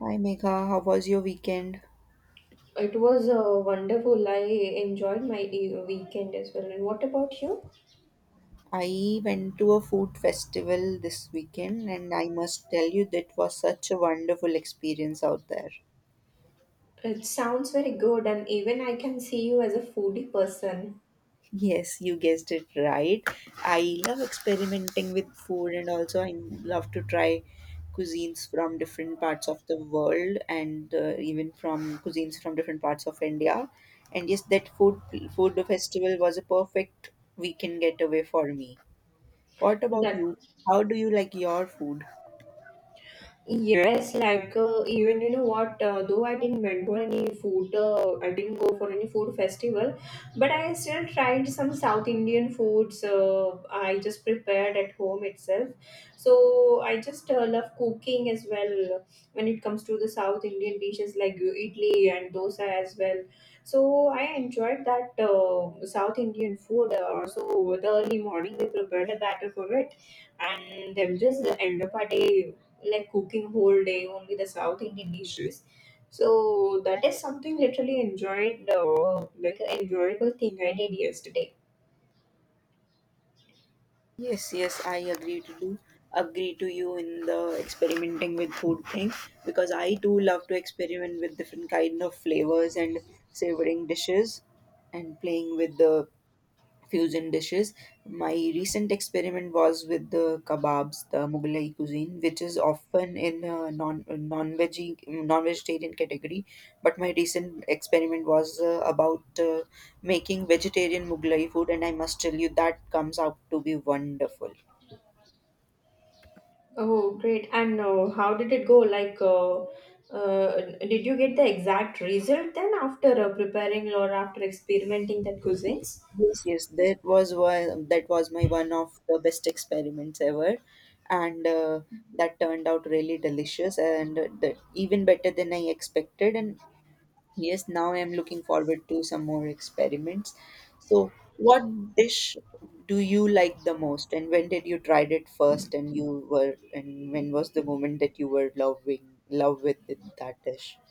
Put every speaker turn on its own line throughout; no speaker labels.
Hi Megha, how was your weekend?
It was wonderful. I enjoyed my weekend as well. And what about you?
I went to a food festival this weekend and I must tell you that was such a wonderful experience out there.
It sounds very good, and even I can see you as a foodie person.
Yes, you guessed it right. I love experimenting with food and also I love to try cuisines from different parts of the world and even from cuisines from different parts of India. And yes, that food festival was a perfect weekend getaway for me. What about
That
you? How do you like your food?
Yes, like even you know what, though I didn't went for any food, I didn't go for any food festival, but I still tried some South Indian foods. I just prepared at home itself. So I just love cooking as well when it comes to the South Indian dishes like idli and dosa as well. So I enjoyed that South Indian food. So the early morning we prepared a batter for it, and then just end of our day like cooking whole day only the South Indian dishes. So that is something literally enjoyed, like an enjoyable thing I did yesterday.
Yes, yes, I agree to you in the experimenting with food thing because I too love to experiment with different kind of flavors and savoring dishes and playing with the fusion dishes. My recent experiment was with the kebabs, the Mughlai cuisine, which is often in a non vegetarian category. But my recent experiment was about making vegetarian Mughlai food, and I must tell you that comes out to be wonderful.
Oh, great! And how did it go? Like, did you get the exact result then after preparing or after experimenting that cuisines?
Yes, yes, that was one. That was my one of the best experiments ever, and that turned out really delicious and even better than I expected. And yes, now I'm looking forward to some more experiments. So, what dish do you like the most, and when did you tried it first, and and when was the moment that you were loving love with it- that dish?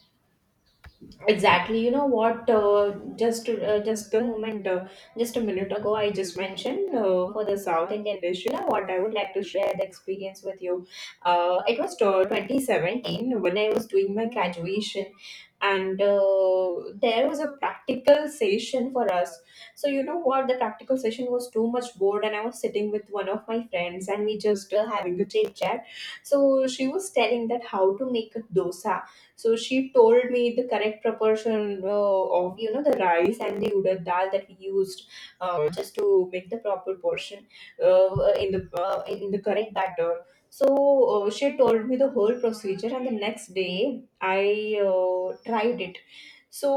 Exactly. You know what? Just a minute ago, I just mentioned for the South Indian dish. You know what? I would like to share the experience with you. It was 2017 when I was doing my graduation, and there was a practical session for us. So you know what? The practical session was too much bored, and I was sitting with one of my friends, and we just having a chit chat. So she was telling that how to make a dosa, so she told me the correct proportion of you know the rice and the udad dal that we used just to make the proper portion in the in the correct batter. So she told me the whole procedure, and the next day I tried it. So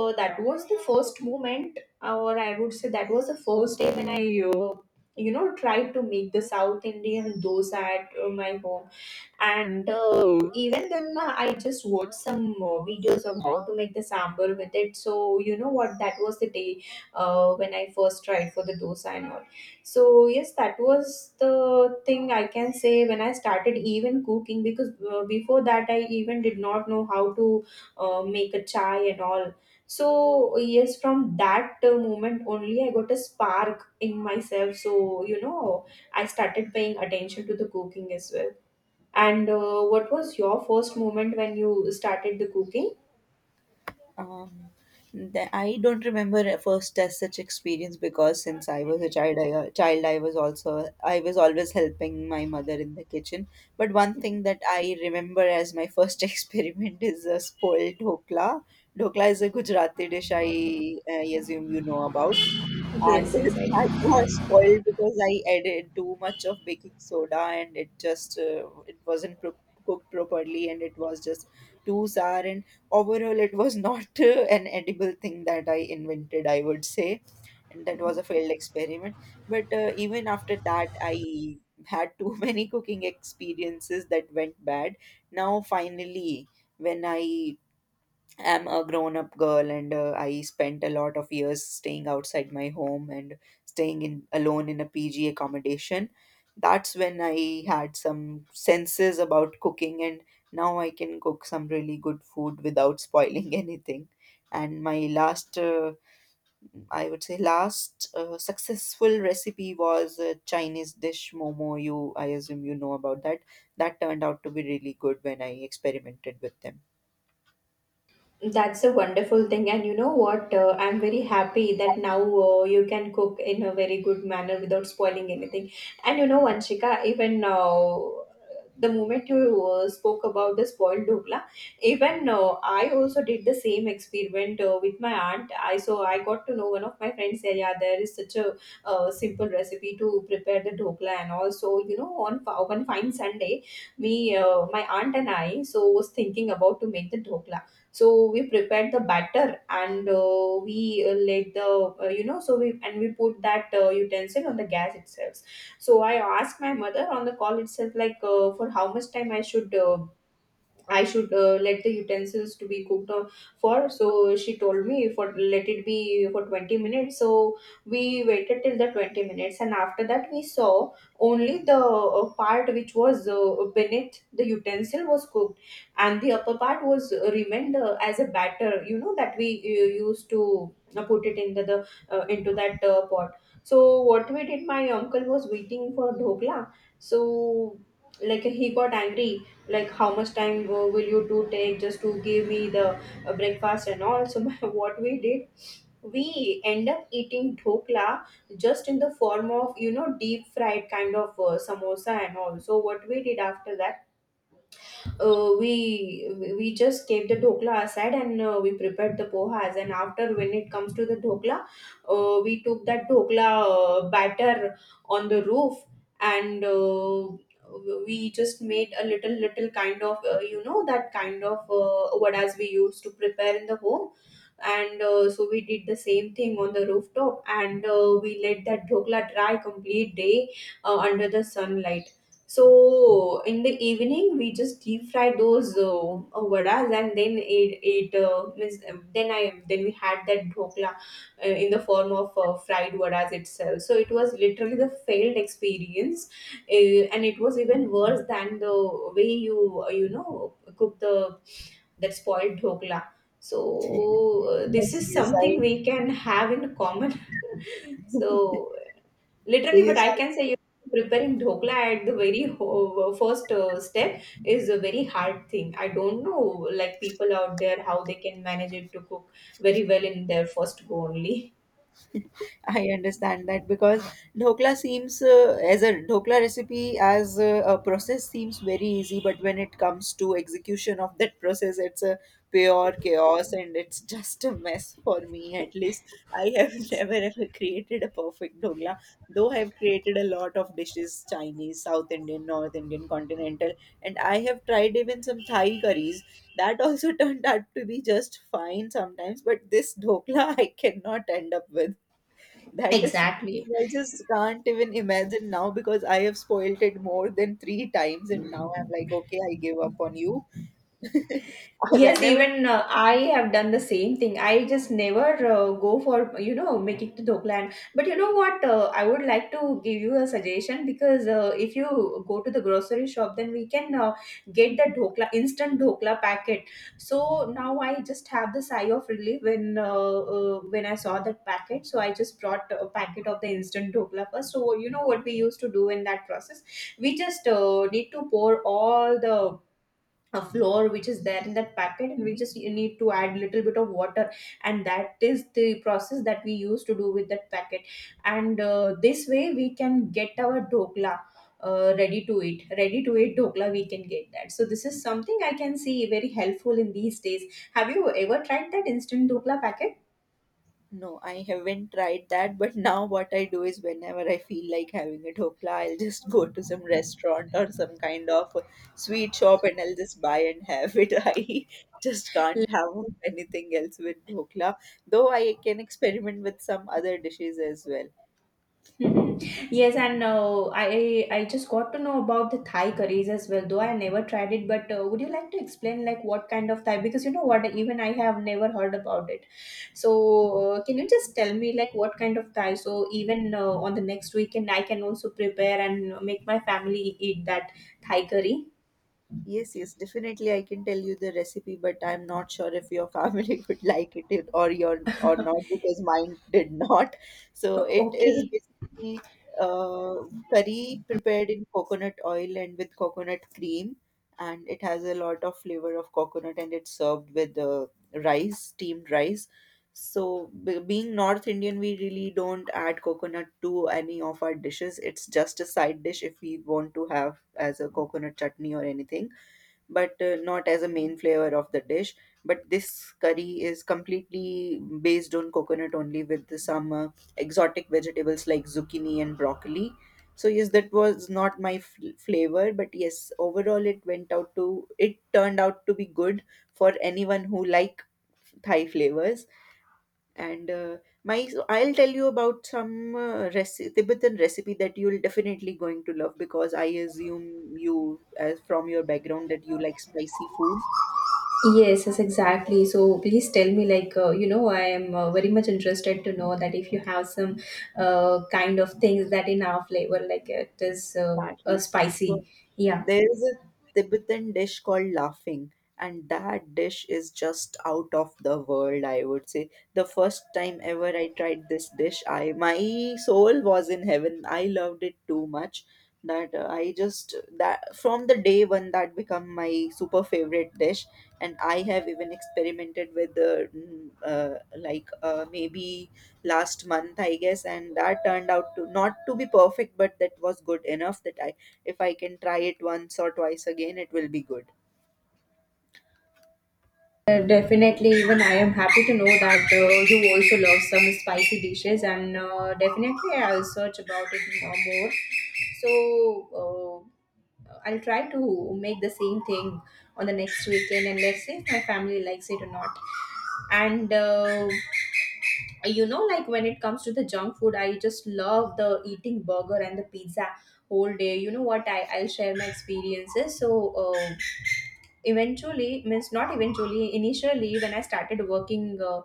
that was the first moment, or I would say that was the first day when I. Uh, you know, tried to make the South Indian dosa at my home, and even then I just watched some videos of how to make the sambar with it. So you know what, that was the day when I first tried for the dosa and all. So yes, that was the thing I can say when I started even cooking, because before that I even did not know how to make a chai and all. So yes, from that moment only, I got a spark in myself. So you know, I started paying attention to the cooking as well. And what was your first moment when you started the cooking?
Um, I don't remember a first as such experience because since I was a child I was also I was always helping my mother in the kitchen. But one thing that I remember as my first experiment is a spoiled dhokla. Dhokla is a Gujarati dish. I assume you know about and
Yes, yes,
that
I
was spoiled because I added too much of baking soda and it wasn't cooked properly and it was just too sour and overall it was not an edible thing that I invented, I would say, and that was a failed experiment, but even after that I had too many cooking experiences that went bad. Now finally, when I I'm a grown up girl and I spent a lot of years staying outside my home and staying in alone in a PG accommodation. That's when I had some senses about cooking and now I can cook some really good food without spoiling anything. And my last, I would say, last successful recipe was a Chinese dish momo. I assume you know about that. That turned out to be really good when I experimented with them.
that's a wonderful thing, and you know what? I'm very happy that now you can cook in a very good manner without spoiling anything. And you know, Vanshika, even the moment you spoke about the spoiled dhokla, even I also did the same experiment with my aunt. I So I got to know one of my friends said, yeah, there is such a simple recipe to prepare the dhokla. And also, you know, on one fine Sunday, we my aunt and I, so, was thinking about to make the dhokla. So we prepared the batter, and we let the we put that utensil on the gas itself. So I asked my mother on the call itself, like, for how much time I should let the utensils to be cooked for. So she told me, for let it be for 20 minutes. So we waited till the 20 minutes, and after that we saw only the part which was beneath the utensil was cooked, and the upper part was remained as a batter. You know, that we used to put it into the into that pot. So what we did, my uncle was waiting for dhokla. So, like, he got angry, like, how much time will you do take just to give me the breakfast and all. So what we did, we end up eating dhokla just in the form of, you know, deep fried kind of samosa and all. So what we did after that, uh, we we just kept the dhokla aside and we prepared the pohas. And after, when it comes to the dhokla, we took that dhokla batter on the roof, and we just made a little little kind of you know, that kind of vadas we used to prepare in the home. And so we did the same thing on the rooftop, and we let that dhokla dry complete day under the sunlight. So in the evening, we just deep fried those vadas, and then it means then I then we had that dhokla in the form of fried vadas itself. So it was literally the failed experience, and it was even worse than the way you you know cook the that spoiled dhokla. So this
Yes,
is
yes,
something we can have in common. so Literally, but
yes,
I can say, you preparing dhokla at the very first step is a very hard thing. I don't know, like, people out there, how they can manage it to cook very well in their first go only.
I understand that because dhokla seems, as a dhokla recipe, as a process, seems very easy, but when it comes to execution of that process, it's a pure chaos and it's just a mess for me. At least I have never ever created a perfect dhokla, though I have created a lot of dishes: Chinese, South Indian, North Indian, continental, and I have tried even some Thai curries. That also turned out to be just fine sometimes, but this dhokla I cannot end up with. That is
Exactly.
something I just can't even imagine now because I have spoiled it more than three times, and now I'm like, okay, I give up on you. I-
Yes,
Whenever,
even I have done the same thing. I just never go for, you know, making to Dokland. But you know what? I would like to give you a suggestion, because if you go to the grocery shop, then we can get the Dokla, instant Dokla packet. So now I just have the sigh of relief when I saw that packet. So I just brought a packet of the instant Dokla first. So you know what we used to do in that process? We just need to pour all the a floor which is there in that packet, and we just need to add little bit of water, and that is the process that we use to do with that packet. And this way we can get our dokla ready to eat dokla, we can get that. So this is something I can see very helpful in these days. Have you ever tried that instant dokla packet?
no, I haven't tried that, but now what I do is whenever I feel like having a dhokla, I'll just go to some restaurant or some kind of sweet shop and I'll just buy and have it. I just can't have anything else with dhokla, though I can experiment with some other dishes as well.
Mhm. Yes, and I just got to know about the Thai curries as well, though I never tried it. But would you like to explain like what kind of Thai? Because you know what, even I have never heard about it. So can you just tell me like what kind of Thai? So even on the next weekend, I can also prepare and make my family eat that Thai curry.
Yes, yes, definitely I can tell you the recipe, but I'm not sure if your family would like it or your or not, because mine did not. So it is
Okay.
basically uh, curry prepared in coconut oil and with coconut cream, and it has a lot of flavor of coconut, and it's served with rice, steamed rice. So being North Indian, we really don't add coconut to any of our dishes. It's just a side dish if we want to have as a coconut chutney or anything, but not as a main flavor of the dish. But this curry is completely based on coconut only, with some exotic vegetables like zucchini and broccoli. So, yes, that was not my flavor, but yes, overall it it turned out to be good for anyone who like Thai flavors. And my so I'll tell you about some Tibetan recipe that you'll definitely going to love, because I assume you, as from your background, that you like spicy food.
Yes, yes, exactly. So please tell me, like, you know, I am very much interested to know that if you have some kind of things that in our flavor, like it is
Exactly. So
spicy. Yeah,
there is a Tibetan dish called laughing, and that dish is just out of the world, I would say. The first time ever I tried this dish, I my soul was in heaven. I loved it too much, that I just that from the day one that become my super favorite dish, and I have even experimented with the maybe last month, I guess, and that turned out to not to be perfect, but that was good enough that, I if I can try it once or twice again, it will be good.
definitely. Even I am happy to know that you also love some spicy dishes, and definitely I'll search about it more. So I'll try to make the same thing on the next weekend, and let's see if my family likes it or not. And you know, like, when it comes to the junk food, I just love the eating burger and the pizza whole day. You know what, I'll share my experiences. So eventually means not eventually initially when I started working, uh,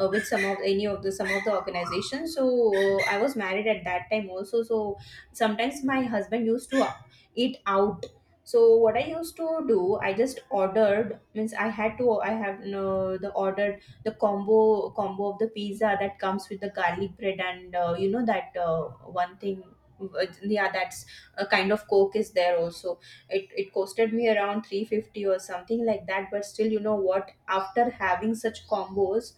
uh, with some of the organizations. So I was married at that time also. So sometimes my husband used to eat out. So what I used to do, I just ordered, means I had to I have no the ordered the combo of the pizza that comes with the garlic bread, and you know, that one thing, yeah, that's a kind of coke is there also. It costed me around 350 or something like that. But still, you know what, after having such combos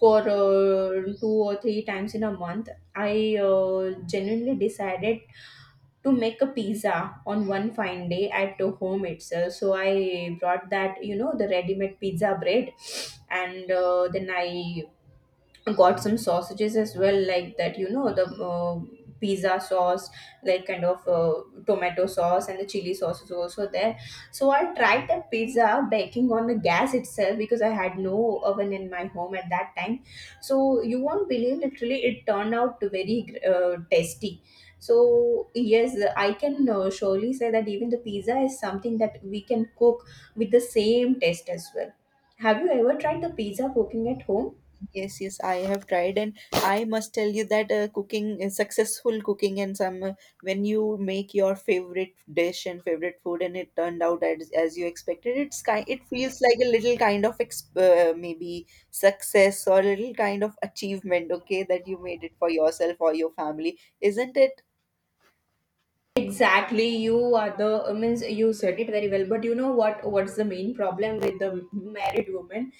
for two or three times in a month, I genuinely decided to make a pizza on one fine day at the home itself. So I brought that, you know, the ready made pizza bread, and then I got some sausages as well, like that, you know, the pizza sauce, like, kind of tomato sauce, and the chili sauce is also there. So I tried that pizza baking on the gas itself, because I had no oven in my home at that time. So you won't believe, literally it turned out very tasty. So yes, I can surely say that even the pizza is something that we can cook with the same taste as well. Have you ever tried the pizza cooking at home?
Yes, yes, I have tried, and I must tell you that cooking, successful cooking, and some when you make your favorite dish and favorite food, and it turned out as you expected, it feels like a little kind of maybe success or a little kind of achievement, okay, that you made it for yourself or your family, isn't it?
Exactly, you are the means you said it very well. But you know what? What's the main problem with the married woman?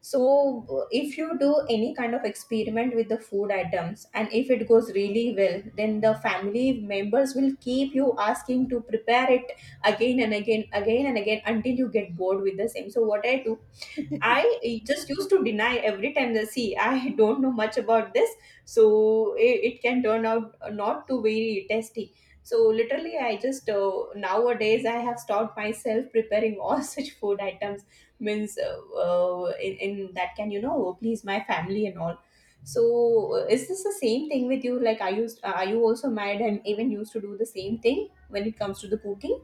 So if you do any kind of experiment with the food items, and if it goes really well, then the family members will keep you asking to prepare it again and again until you get bored with the same. So what I do, I just used to deny every time that see I don't know much about this, so it can turn out not to very tasty. So literally, I just nowadays I have stopped myself preparing all such food items, means in that can please my family and all. So is this the same thing with you? Like, are you also married and even used to do the same thing when it comes to the cooking?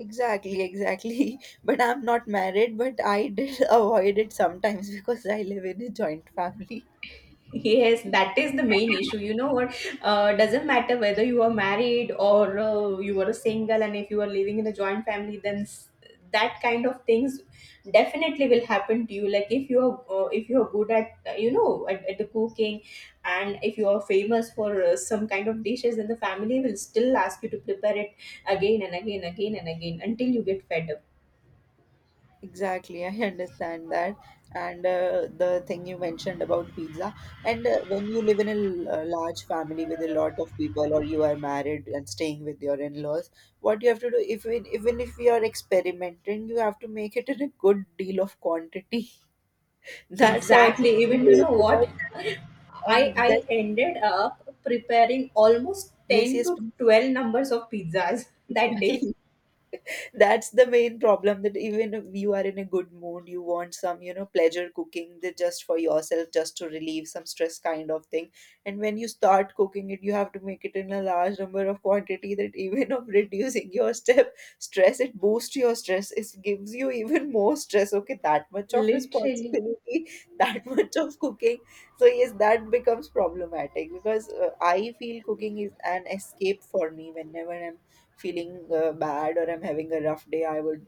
Exactly, exactly. But I'm not married, but I did avoid it sometimes because I live in a joint family.
Yes, that is the main issue. You know what? Doesn't matter whether you are married or you are single, and if you are living in a joint family, then that kind of things definitely will happen to you. Like if you are good at you know at the cooking, and if you are famous for some kind of dishes, then the family will still ask you to prepare it again and again until you get fed up.
Exactly, I understand that. And the thing you mentioned about pizza, and when you live in a a large family with a lot of people, or you are married and staying with your in-laws, what you have to do, if we, even if we are experimenting, you have to make it in a good deal of quantity. That's also
Exactly.
too
Even you know what?
laborious,
I
and that
I ended up preparing almost
yes,
10
yes,
to 12 numbers of pizzas that day.
please. That's the main problem, that even if you are in a good mood, you want some pleasure cooking, that just for yourself, just to relieve some stress kind of thing, and when you start cooking it, you have to make it in a large number of quantity, that even of reducing your step stress, it boosts your stress, it gives you even more stress, okay, that much of
Literally.
responsibility, that much of cooking. So yes, that becomes problematic, because I feel cooking is an escape for me whenever I'm feeling bad or I'm having a rough day. I would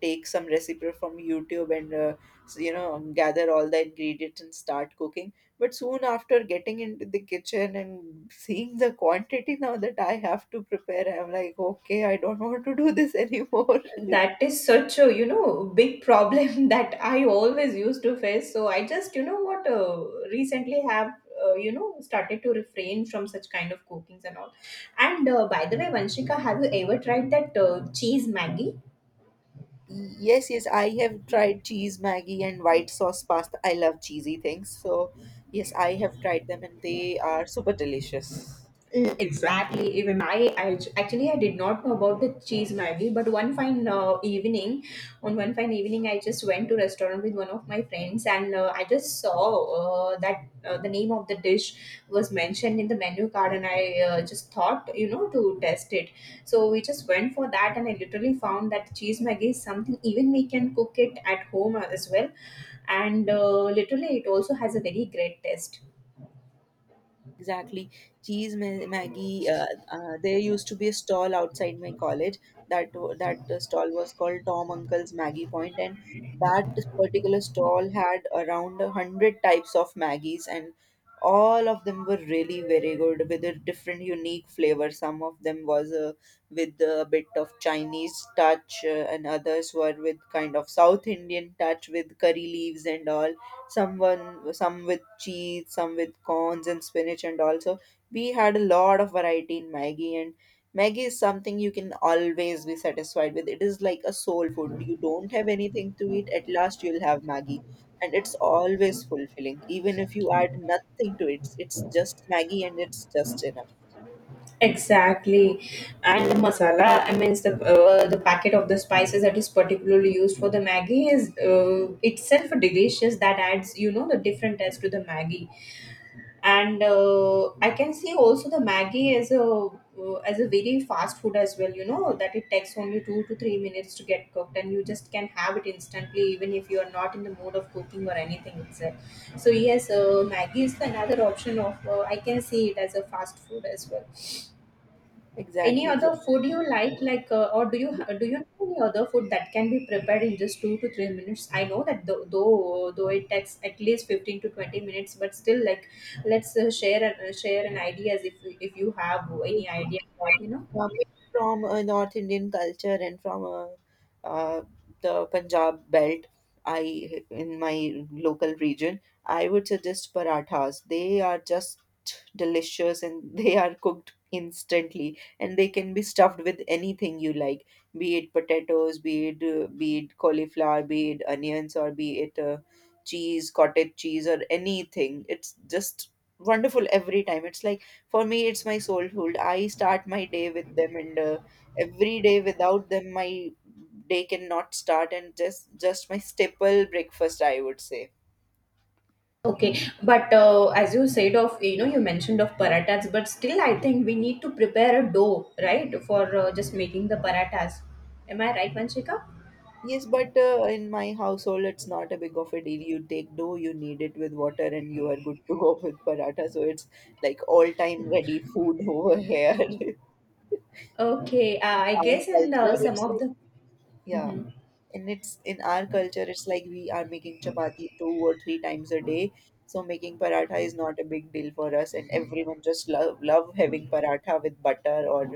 take some recipe from YouTube and gather all the ingredients and start cooking. But soon after getting into the kitchen and seeing the quantity now that I have to prepare, I'm like, okay, I don't want to do this anymore.
That is such a, you know, big problem that I always used to face. So I just, you know what, recently have, you know, started to refrain from such kind of cookings and all. And by the way, Vanshika, have you ever tried that cheese Maggie?
Yes, yes, I have tried cheese Maggie and white sauce pasta. I love cheesy things. So, yes, I have tried them and they are super delicious.
Mm, exactly. Even I actually I did not know about the cheese Maggi, but on one fine evening, I just went to restaurant with one of my friends, and I just saw that the name of the dish was mentioned in the menu card, and I just thought, you know, to test it. So we just went for that, and I literally found that cheese Maggi is something even we can cook it at home as well, and literally it also has a very great taste.
Exactly. Cheese, Maggie. There used to be a stall outside my college. That stall was called Tom Uncle's Maggie Point, and that particular stall had around a hundred types of Maggies, and all of them were really very good, with a different, unique flavor. Some of them was with a bit of Chinese touch, and others were with kind of South Indian touch with curry leaves and all, some with cheese, some with corns and spinach, and also we had a lot of variety in Maggie. And Maggie is something you can always be satisfied with. It is like a soul food. You don't have anything to eat, at last you'll have Maggie, and it's always fulfilling. Even if you add nothing to it, it's just Maggie and it's just enough.
Exactly, and masala. I mean, the packet of the spices that is particularly used for the Maggi is itself delicious. That adds, you know, the different taste to the Maggi. And I can see also the Maggi as a very fast food as well. You know that it takes only 2 to 3 minutes to get cooked, and you just can have it instantly, even if you are not in the mood of cooking or anything itself. So yes, Maggi is another option of I can see it as a fast food as well. Any
Exactly,
other food you like, or do you know any other food that can be prepared in just 2 to 3 minutes? I know that though it takes at least 15 to 20 minutes, but still, like, let's share an idea as if you have any
exactly.
idea about you know.
uh, from a North Indian culture, and from a, uh, the Punjab belt. I in my local region, I would suggest parathas. They are just delicious and they are cooked instantly, and they can be stuffed with anything you like, be it potatoes, be it cauliflower, be it onions, or be it cheese, cottage cheese, or anything. It's just wonderful every time. It's like, for me, it's my soul food. I start my day with them, and every day without them, my day cannot start. And just my staple breakfast, I would say.
Okay, but as you said of you know you mentioned of paratas, but still I think we need to prepare a dough right for just making the paratas. Am I right, Vanshika?
Yes, but in my household, it's not a big of a deal. You take dough, you knead it with water, and you are good to go with paratha. So it's like all time ready food over here.
Okay, I
Our
guess and
culture,
some
it's
of
like,
the.
yeah.
Mhm.
And it's in our culture, it's like we are making chapati two or three times a day, so making paratha is not a big deal for us, and everyone just love having paratha with butter or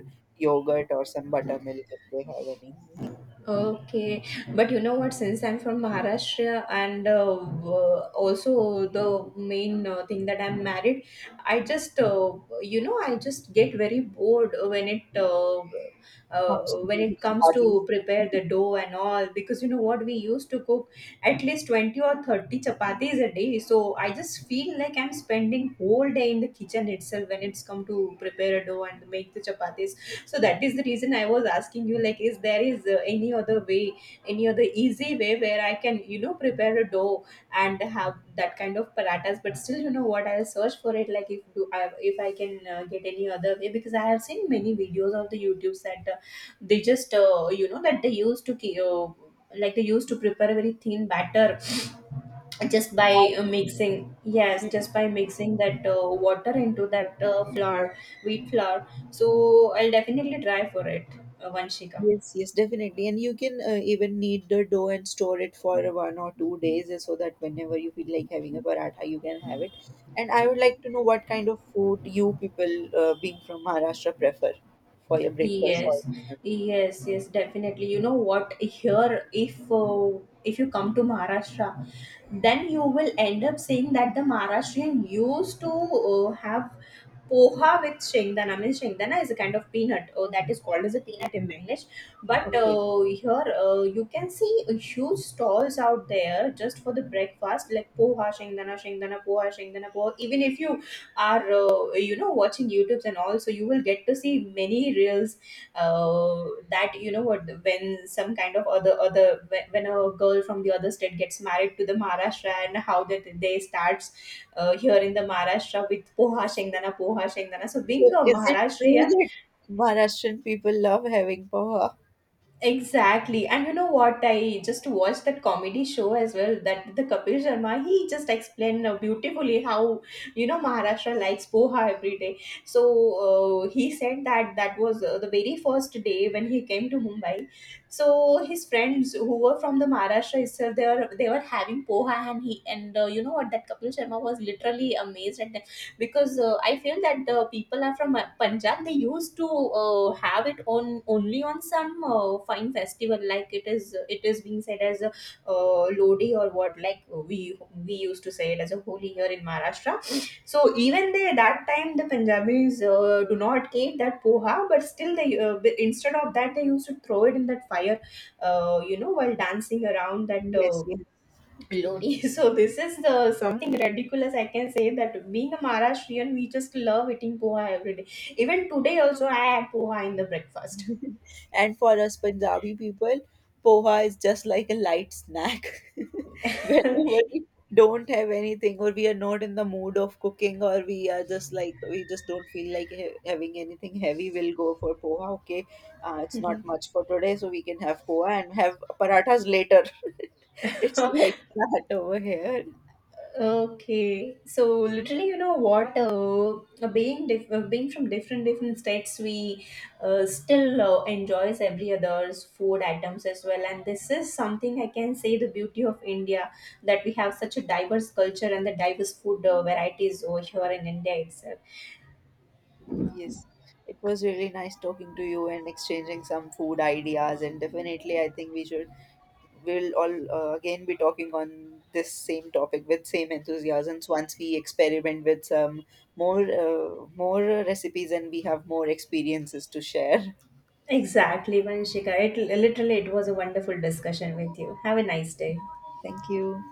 yogurt or some buttermilk if they have any.
Okay, but you know what? Since I'm from Maharashtra, and also the main thing that I'm married, I just you know I just get very bored
Comes to
when
making
it comes
chapatis,
to prepare the dough and all because you know what we used to cook at least 20 or 30 chapatis a day. So I just feel like I'm spending whole day in the kitchen itself when it's come to prepare a dough and make the chapatis, so that is the reason I was asking you, like, is there is any other way, any other easy way where I can you know prepare a dough and have that kind of paratas. But still you know what, I'll search for it, like, if I can get any other way, because I have seen many videos on the YouTube that they just you know that they like they used to prepare a very thin batter just by
that
mixing yes just by mixing that water into that flour, wheat flour. So I'll definitely try for it, Vanshika.
yes, yes, definitely. And you can even knead the dough and store it for 1 or 2 days, so that whenever you feel like having a paratha, you can have it. And I would like to know what kind of food you people, being from Maharashtra, prefer for your breakfast or
yes
dinner.
yes yes definitely. You know what, here, if you come to Maharashtra, then you will end up saying that the Maharashtrian used to have poha with shengdana. I mean, shengdana is a kind of peanut. Oh, that is called as a peanut in English. But
Okay.
here you can see huge stalls out there just for the breakfast, like poha, shengdana, shengdana, poha, shengdana, poha. Even if you are, you know, watching YouTube's and all, so you will get to see many reels uh, that you know what, when some kind of other other when a girl from the other state gets married to the Maharashtra and how that they start here in the Maharashtra with poha shengdana, poha shengdana. So being
So
a
is it true
Maharashtrian,
that Maharashtrian people love having poha?
exactly. And you know what? I just watched that comedy show as well. That the Kapil Sharma, he just explained beautifully how you know Maharashtra likes poha every day. So he said that that was the very first day when he came to Mumbai. So his friends who were from the Maharashtra itself, they were having poha, and he and you know what? That Kapil Sharma was literally amazed at, because I feel that the people are from Punjab. They used to have it on only on some fine festival, like it is being said as a Lodi or what, like we used to say it as a holy here in Maharashtra. So even they that time the Punjabis do not eat that poha, but still instead of that they used to throw it in that fire, you know, while dancing around that.
Yes, yes.
Lodi. So this is the something ridiculous I can say, that being a Maharashtrian, we just love eating poha every day. Even today also, I had poha in the breakfast.
And for us Punjabi people, poha is just like a light snack. Whenever we don't have anything, or we are not in the mood of cooking, or we are just like, we just don't feel like having anything heavy, we'll go for poha. Okay, it's not much for today, so we can have poha and have parathas later. It's like that over here.
Okay, so literally, you know what? Being from different different states, we still enjoys every other's food items as well. And this is something I can say, the beauty of India that we have such a diverse culture and the diverse food varieties over here in India itself.
Yes, it was really nice talking to you and exchanging some food ideas, and definitely, I think we'll all again be talking on this same topic with same enthusiasms once we experiment with some more recipes and we have more experiences to share.
Exactly, Vanshika. It literally it was a wonderful discussion with you. Have a nice day.
Thank you.